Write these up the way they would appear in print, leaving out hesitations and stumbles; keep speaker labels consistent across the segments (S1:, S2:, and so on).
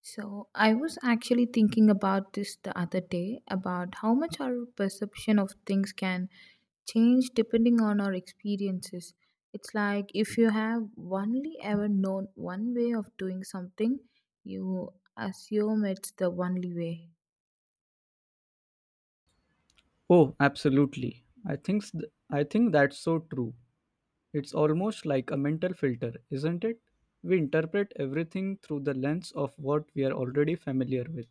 S1: So, I was actually thinking about this the other day about how much our perception of things can change depending on our experiences. It's like if you have only ever known one way of doing something, you assume it's the only way.
S2: Oh, absolutely. I think that's so true. It's almost like a mental filter, isn't it? We interpret everything through the lens of what we are already familiar with.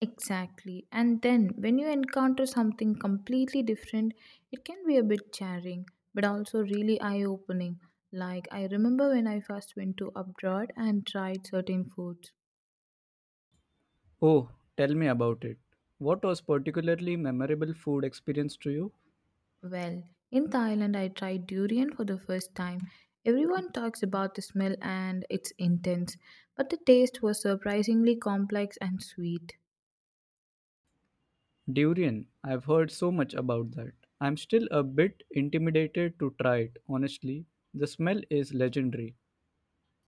S1: Exactly. And then when you encounter something completely different, it can be a bit jarring, but also really eye opening. Like, I remember when I first went to abroad and tried certain foods.
S2: Oh, tell me about it. What was particularly memorable food experience to you?
S1: Well, in Thailand, I tried durian for the first time. Everyone talks about the smell and it's intense, but the taste was surprisingly complex and sweet.
S2: Durian. I've heard so much about that. I'm still a bit intimidated to try it, honestly. The smell is legendary.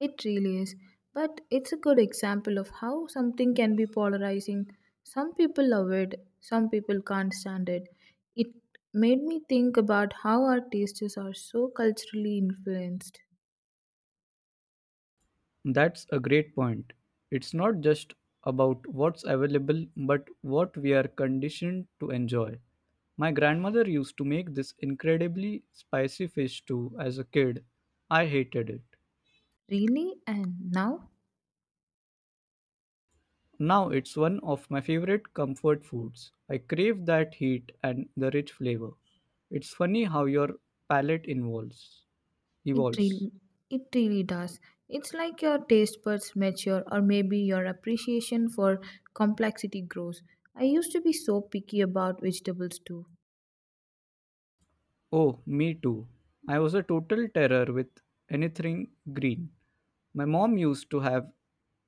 S1: It really is, but it's a good example of how something can be polarizing. Some people love it, some people can't stand it. It made me think about how our tastes are so culturally influenced.
S2: That's a great point. It's not just about what's available, but what we are conditioned to enjoy. My grandmother used to make this incredibly spicy fish stew as a kid. I hated it.
S1: Really? And now?
S2: Now it's one of my favorite comfort foods. I crave that heat and the rich flavor. It's funny how your palate involves
S1: It
S2: evolves.
S1: really, it really does. It's like your taste buds mature, or maybe your appreciation for complexity grows. I used to be so picky about vegetables too.
S2: Oh, me too. I was a total terror with anything green. My mom used to have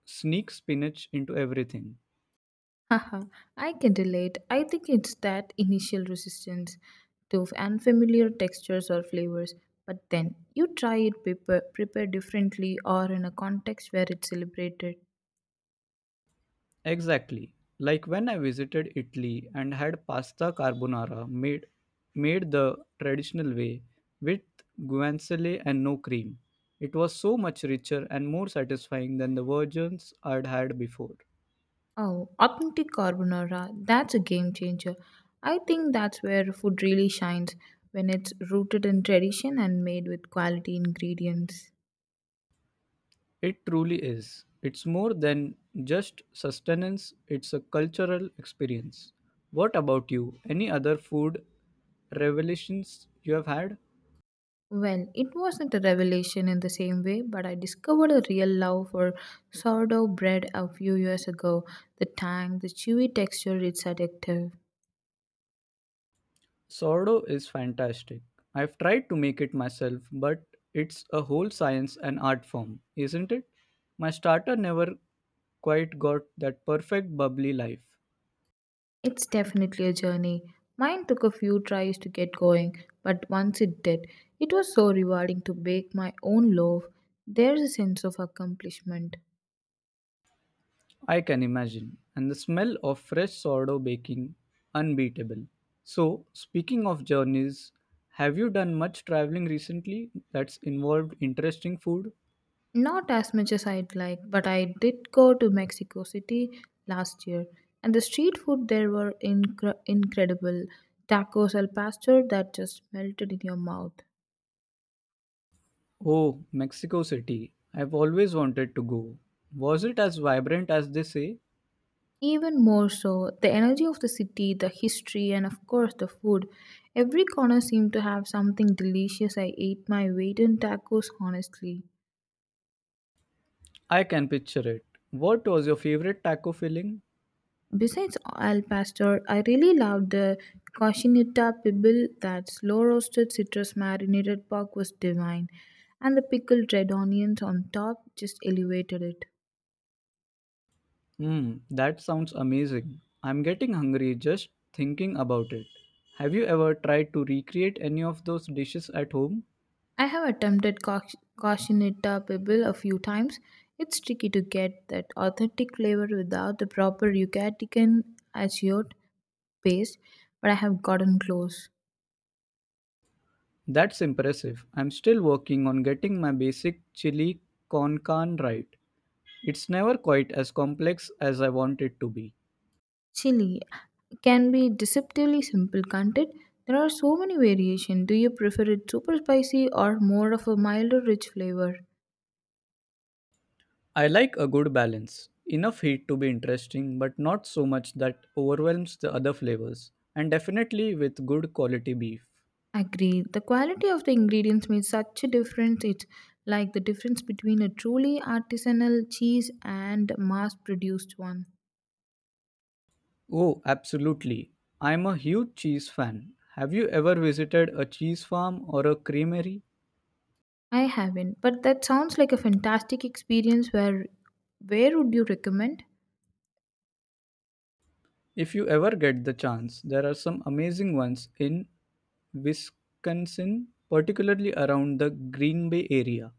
S2: sneak spinach into everything.
S1: Haha, I can relate. I think it's that initial resistance to unfamiliar textures or flavors, but then you try it prepared differently or in a context where it's celebrated.
S2: Exactly. Like when I visited Italy and had pasta carbonara made the traditional way with guanciale and no cream. It was so much richer and more satisfying than the versions I'd had before.
S1: Oh, authentic carbonara, that's a game changer. I think that's where food really shines when it's rooted in tradition and made with quality ingredients.
S2: It truly is. It's more than just sustenance, it's a cultural experience. What about you? Any other food revelations you have had?
S1: Well, it wasn't a revelation in the same way, but I discovered a real love for sourdough bread a few years ago. The tang, the chewy texture, it's addictive.
S2: Sourdough is fantastic. I've tried to make it myself, but it's a whole science and art form, isn't it? My starter never quite got that perfect bubbly life.
S1: It's definitely a journey. Mine took a few tries to get going, but once it did, it was so rewarding to bake my own loaf. There's a sense of accomplishment.
S2: I can imagine. And the smell of fresh sourdough baking, unbeatable. So, speaking of journeys, have you done much traveling recently that's involved interesting food?
S1: Not as much as I'd like, but I did go to Mexico City last year, and the street food there were incredible. Tacos al pastor that just melted in your mouth.
S2: Oh, Mexico City. I've always wanted to go. Was it as vibrant as they say?
S1: Even more so, the energy of the city, the history, and of course the food. Every corner seemed to have something delicious. I ate my weight in tacos, honestly.
S2: I can picture it. What was your favorite taco filling?
S1: Besides al pastor, I really loved the cochinita pibil, that slow roasted citrus marinated pork was divine, and the pickled red onions on top just elevated it.
S2: Mmm, that sounds amazing. I'm getting hungry just thinking about it. Have you ever tried to recreate any of those dishes at home?
S1: I have attempted cochinita pibil a few times. It's tricky to get that authentic flavor without the proper Yucatecan azure paste, but I have gotten close.
S2: That's impressive. I'm still working on getting my basic chili con carne right. It's never quite as complex as I want it to be.
S1: Chili can be deceptively simple, can't it? There are so many variations. Do you prefer it super spicy or more of a milder, rich flavor?
S2: I like a good balance. Enough heat to be interesting, but not so much that overwhelms the other flavors. And definitely with good quality beef.
S1: Agree. The quality of the ingredients makes such a difference. It's like the difference between a truly artisanal cheese and mass produced one.
S2: Oh, absolutely. I'm a huge cheese fan. Have you ever visited a cheese farm or a creamery?
S1: I haven't, but that sounds like a fantastic experience. Where would you recommend?
S2: If you ever get the chance, there are some amazing ones in Wisconsin, particularly around the Green Bay area.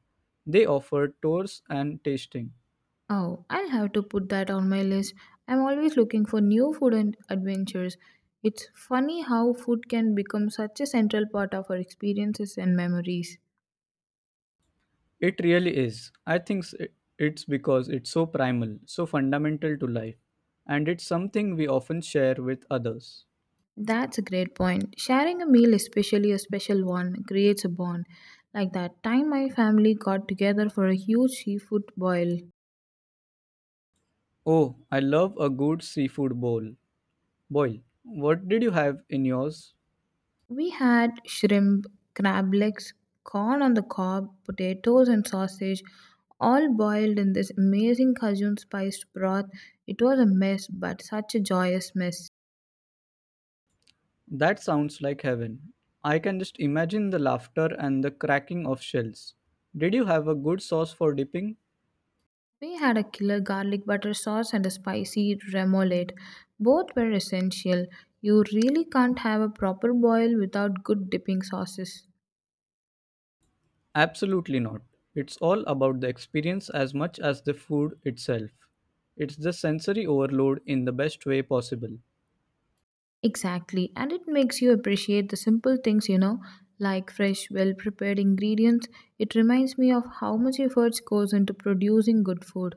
S2: They offer tours and tasting.
S1: Oh, I'll have to put that on my list. I'm always looking for new food and adventures. It's funny how food can become such a central part of our experiences and memories.
S2: It really is. It's because it's so primal, so fundamental to life, and it's something we often share with others.
S1: That's a great point. Sharing a meal, especially a special one, creates a bond. Like that time my family got together for a huge seafood boil.
S2: Oh, I love a good seafood bowl. Boil. What did you have in yours?
S1: We had shrimp, crab legs, corn on the cob, potatoes, and sausage, all boiled in this amazing Cajun spiced broth. It was a mess, but such a joyous mess.
S2: That sounds like heaven. I can just imagine the laughter and the cracking of shells. Did you have a good sauce for dipping?
S1: We had a killer garlic butter sauce and a spicy remoulade. Both were essential. You really can't have a proper boil without good dipping sauces.
S2: Absolutely not. It's all about the experience as much as the food itself. It's the sensory overload in the best way possible.
S1: Exactly, and it makes you appreciate the simple things, like fresh, well prepared ingredients. It reminds me of how much effort goes into producing good food.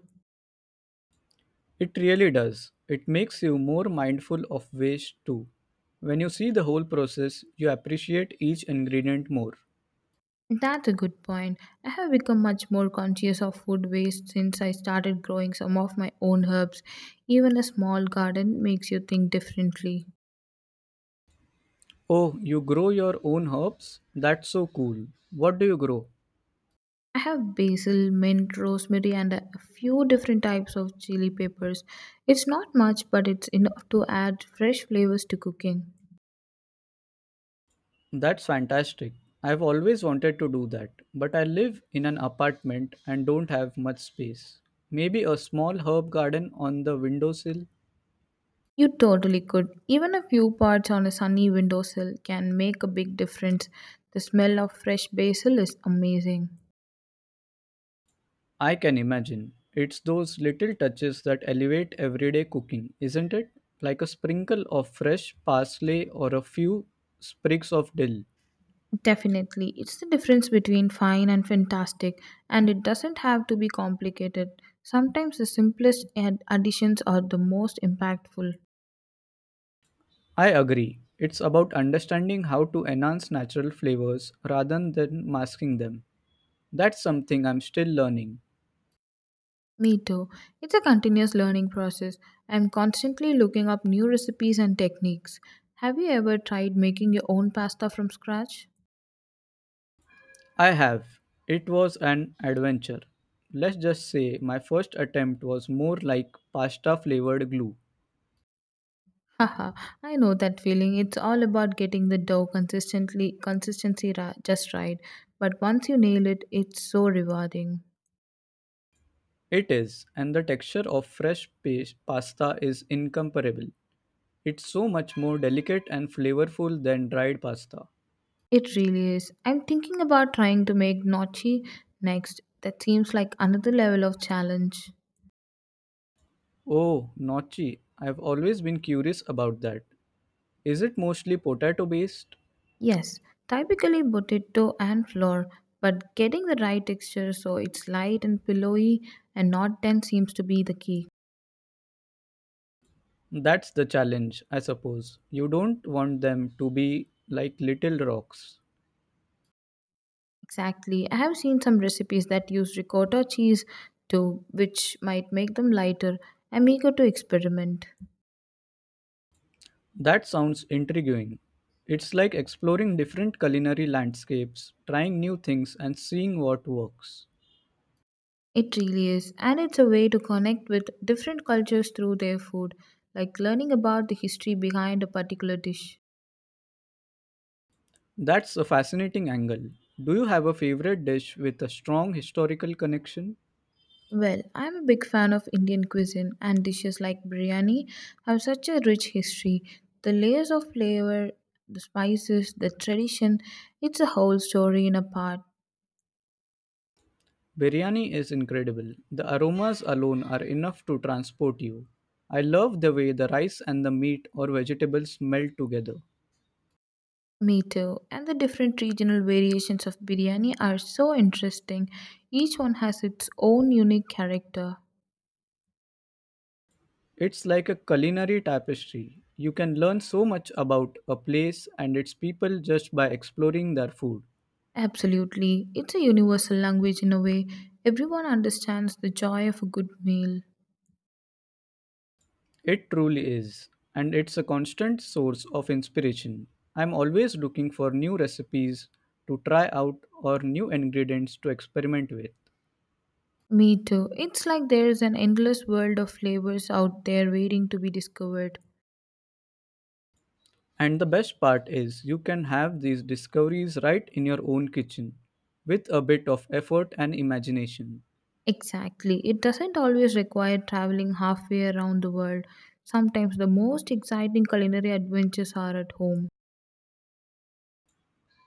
S2: It really does. It makes you more mindful of waste too. When you see the whole process, you appreciate each ingredient more.
S1: That's a good point. I have become much more conscious of food waste since I started growing some of my own herbs. Even a small garden makes you think differently.
S2: Oh, you grow your own herbs? That's so cool. What do you grow?
S1: I have basil, mint, rosemary, and a few different types of chili peppers. It's not much, but it's enough to add fresh flavors to cooking.
S2: That's fantastic. I've always wanted to do that, but I live in an apartment and don't have much space. Maybe a small herb garden on the windowsill?
S1: You totally could. Even a few parts on a sunny windowsill can make a big difference. The smell of fresh basil is amazing.
S2: I can imagine. It's those little touches that elevate everyday cooking, isn't it? Like a sprinkle of fresh parsley or a few sprigs of dill.
S1: Definitely. It's the difference between fine and fantastic, and it doesn't have to be complicated. Sometimes the simplest additions are the most impactful.
S2: I agree. It's about understanding how to enhance natural flavors rather than masking them. That's something I'm still learning.
S1: Me too. It's a continuous learning process. I'm constantly looking up new recipes and techniques. Have you ever tried making your own pasta from scratch?
S2: I have. It was an adventure. Let's just say my first attempt was more like pasta flavored glue.
S1: Haha, I know that feeling. It's all about getting the dough consistency just right. But once you nail it, it's so rewarding.
S2: It is, and the texture of fresh paste pasta is incomparable. It's so much more delicate and flavorful than dried pasta.
S1: It really is. I'm thinking about trying to make Notchi next. That seems like another level of challenge.
S2: Oh, gnocchi. I've always been curious about that. Is it mostly potato based?
S1: Yes, typically potato and flour, but getting the right texture so it's light and pillowy and not dense seems to be the key.
S2: That's the challenge, I suppose. You don't want them to be like little rocks.
S1: Exactly. I have seen some recipes that use ricotta cheese too, which might make them lighter. I'm eager to experiment.
S2: That sounds intriguing. It's like exploring different culinary landscapes, trying new things, and seeing what works.
S1: It really is, and it's a way to connect with different cultures through their food, like learning about the history behind a particular dish.
S2: That's a fascinating angle. Do you have a favorite dish with a strong historical connection?
S1: Well, I'm a big fan of Indian cuisine, and dishes like biryani have such a rich history. The layers of flavor, the spices, the tradition, it's a whole story in a pot.
S2: Biryani is incredible. The aromas alone are enough to transport you. I love the way the rice and the meat or vegetables melt together.
S1: Me too. And the different regional variations of biryani are so interesting. Each one has its own unique character.
S2: It's like a culinary tapestry. You can learn so much about a place and its people just by exploring their food.
S1: Absolutely. It's a universal language in a way. Everyone understands the joy of a good meal.
S2: It truly is, and it's a constant source of inspiration. I'm always looking for new recipes to try out or new ingredients to experiment with.
S1: Me too. It's like there's an endless world of flavors out there waiting to be discovered.
S2: And the best part is, you can have these discoveries right in your own kitchen with a bit of effort and imagination.
S1: Exactly. It doesn't always require traveling halfway around the world. Sometimes the most exciting culinary adventures are at home.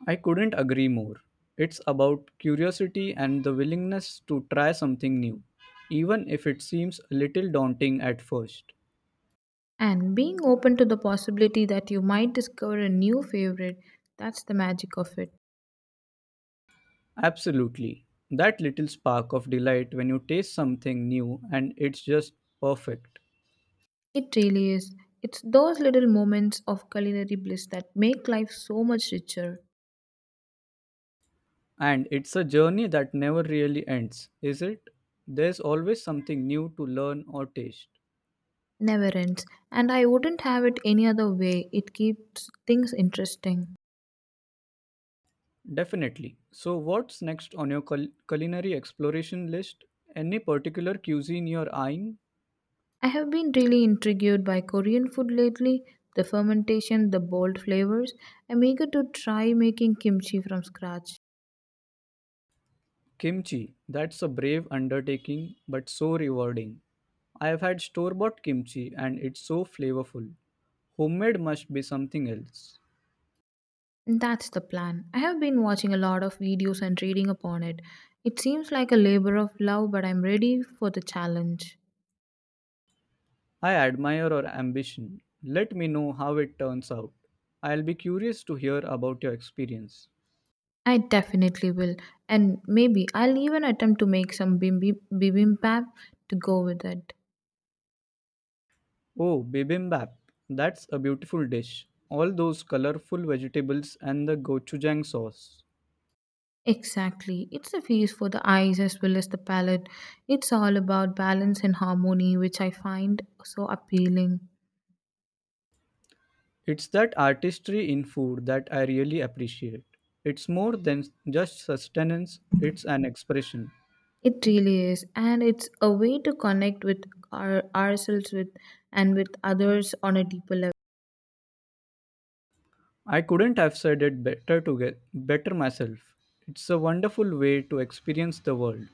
S2: I couldn't agree more. It's about curiosity and the willingness to try something new, even if it seems a little daunting at first.
S1: And being open to the possibility that you might discover a new favorite, that's the magic of it.
S2: Absolutely. That little spark of delight when you taste something new and it's just perfect.
S1: It really is. It's those little moments of culinary bliss that make life so much richer.
S2: And it's a journey that never really ends, is it? There's always something new to learn or taste.
S1: Never ends, and I wouldn't have it any other way. It keeps things interesting.
S2: Definitely. So, what's next on your culinary exploration list? Any particular cuisine you're eyeing?
S1: I have been really intrigued by Korean food lately, the fermentation, the bold flavors. I'm eager to try making kimchi from scratch.
S2: Kimchi. That's a brave undertaking, but so rewarding. I have had store bought kimchi and it's so flavorful. Homemade must be something else.
S1: That's the plan. I have been watching a lot of videos and reading upon it. It seems like a labor of love, but I'm ready for the challenge.
S2: I admire your ambition. Let me know how it turns out. I'll be curious to hear about your experience.
S1: I definitely will. And maybe I'll even attempt to make some bibimbap to go with it.
S2: Oh, bibimbap. That's a beautiful dish. All those colorful vegetables and the gochujang sauce.
S1: Exactly. It's a feast for the eyes as well as the palate. It's all about balance and harmony, which I find so appealing.
S2: It's that artistry in food that I really appreciate. It's more than just sustenance, it's an expression.
S1: It really is. And it's a way to connect with ourselves with and with others on a deeper level.
S2: I couldn't have said it better to get better myself. It's a wonderful way to experience the world.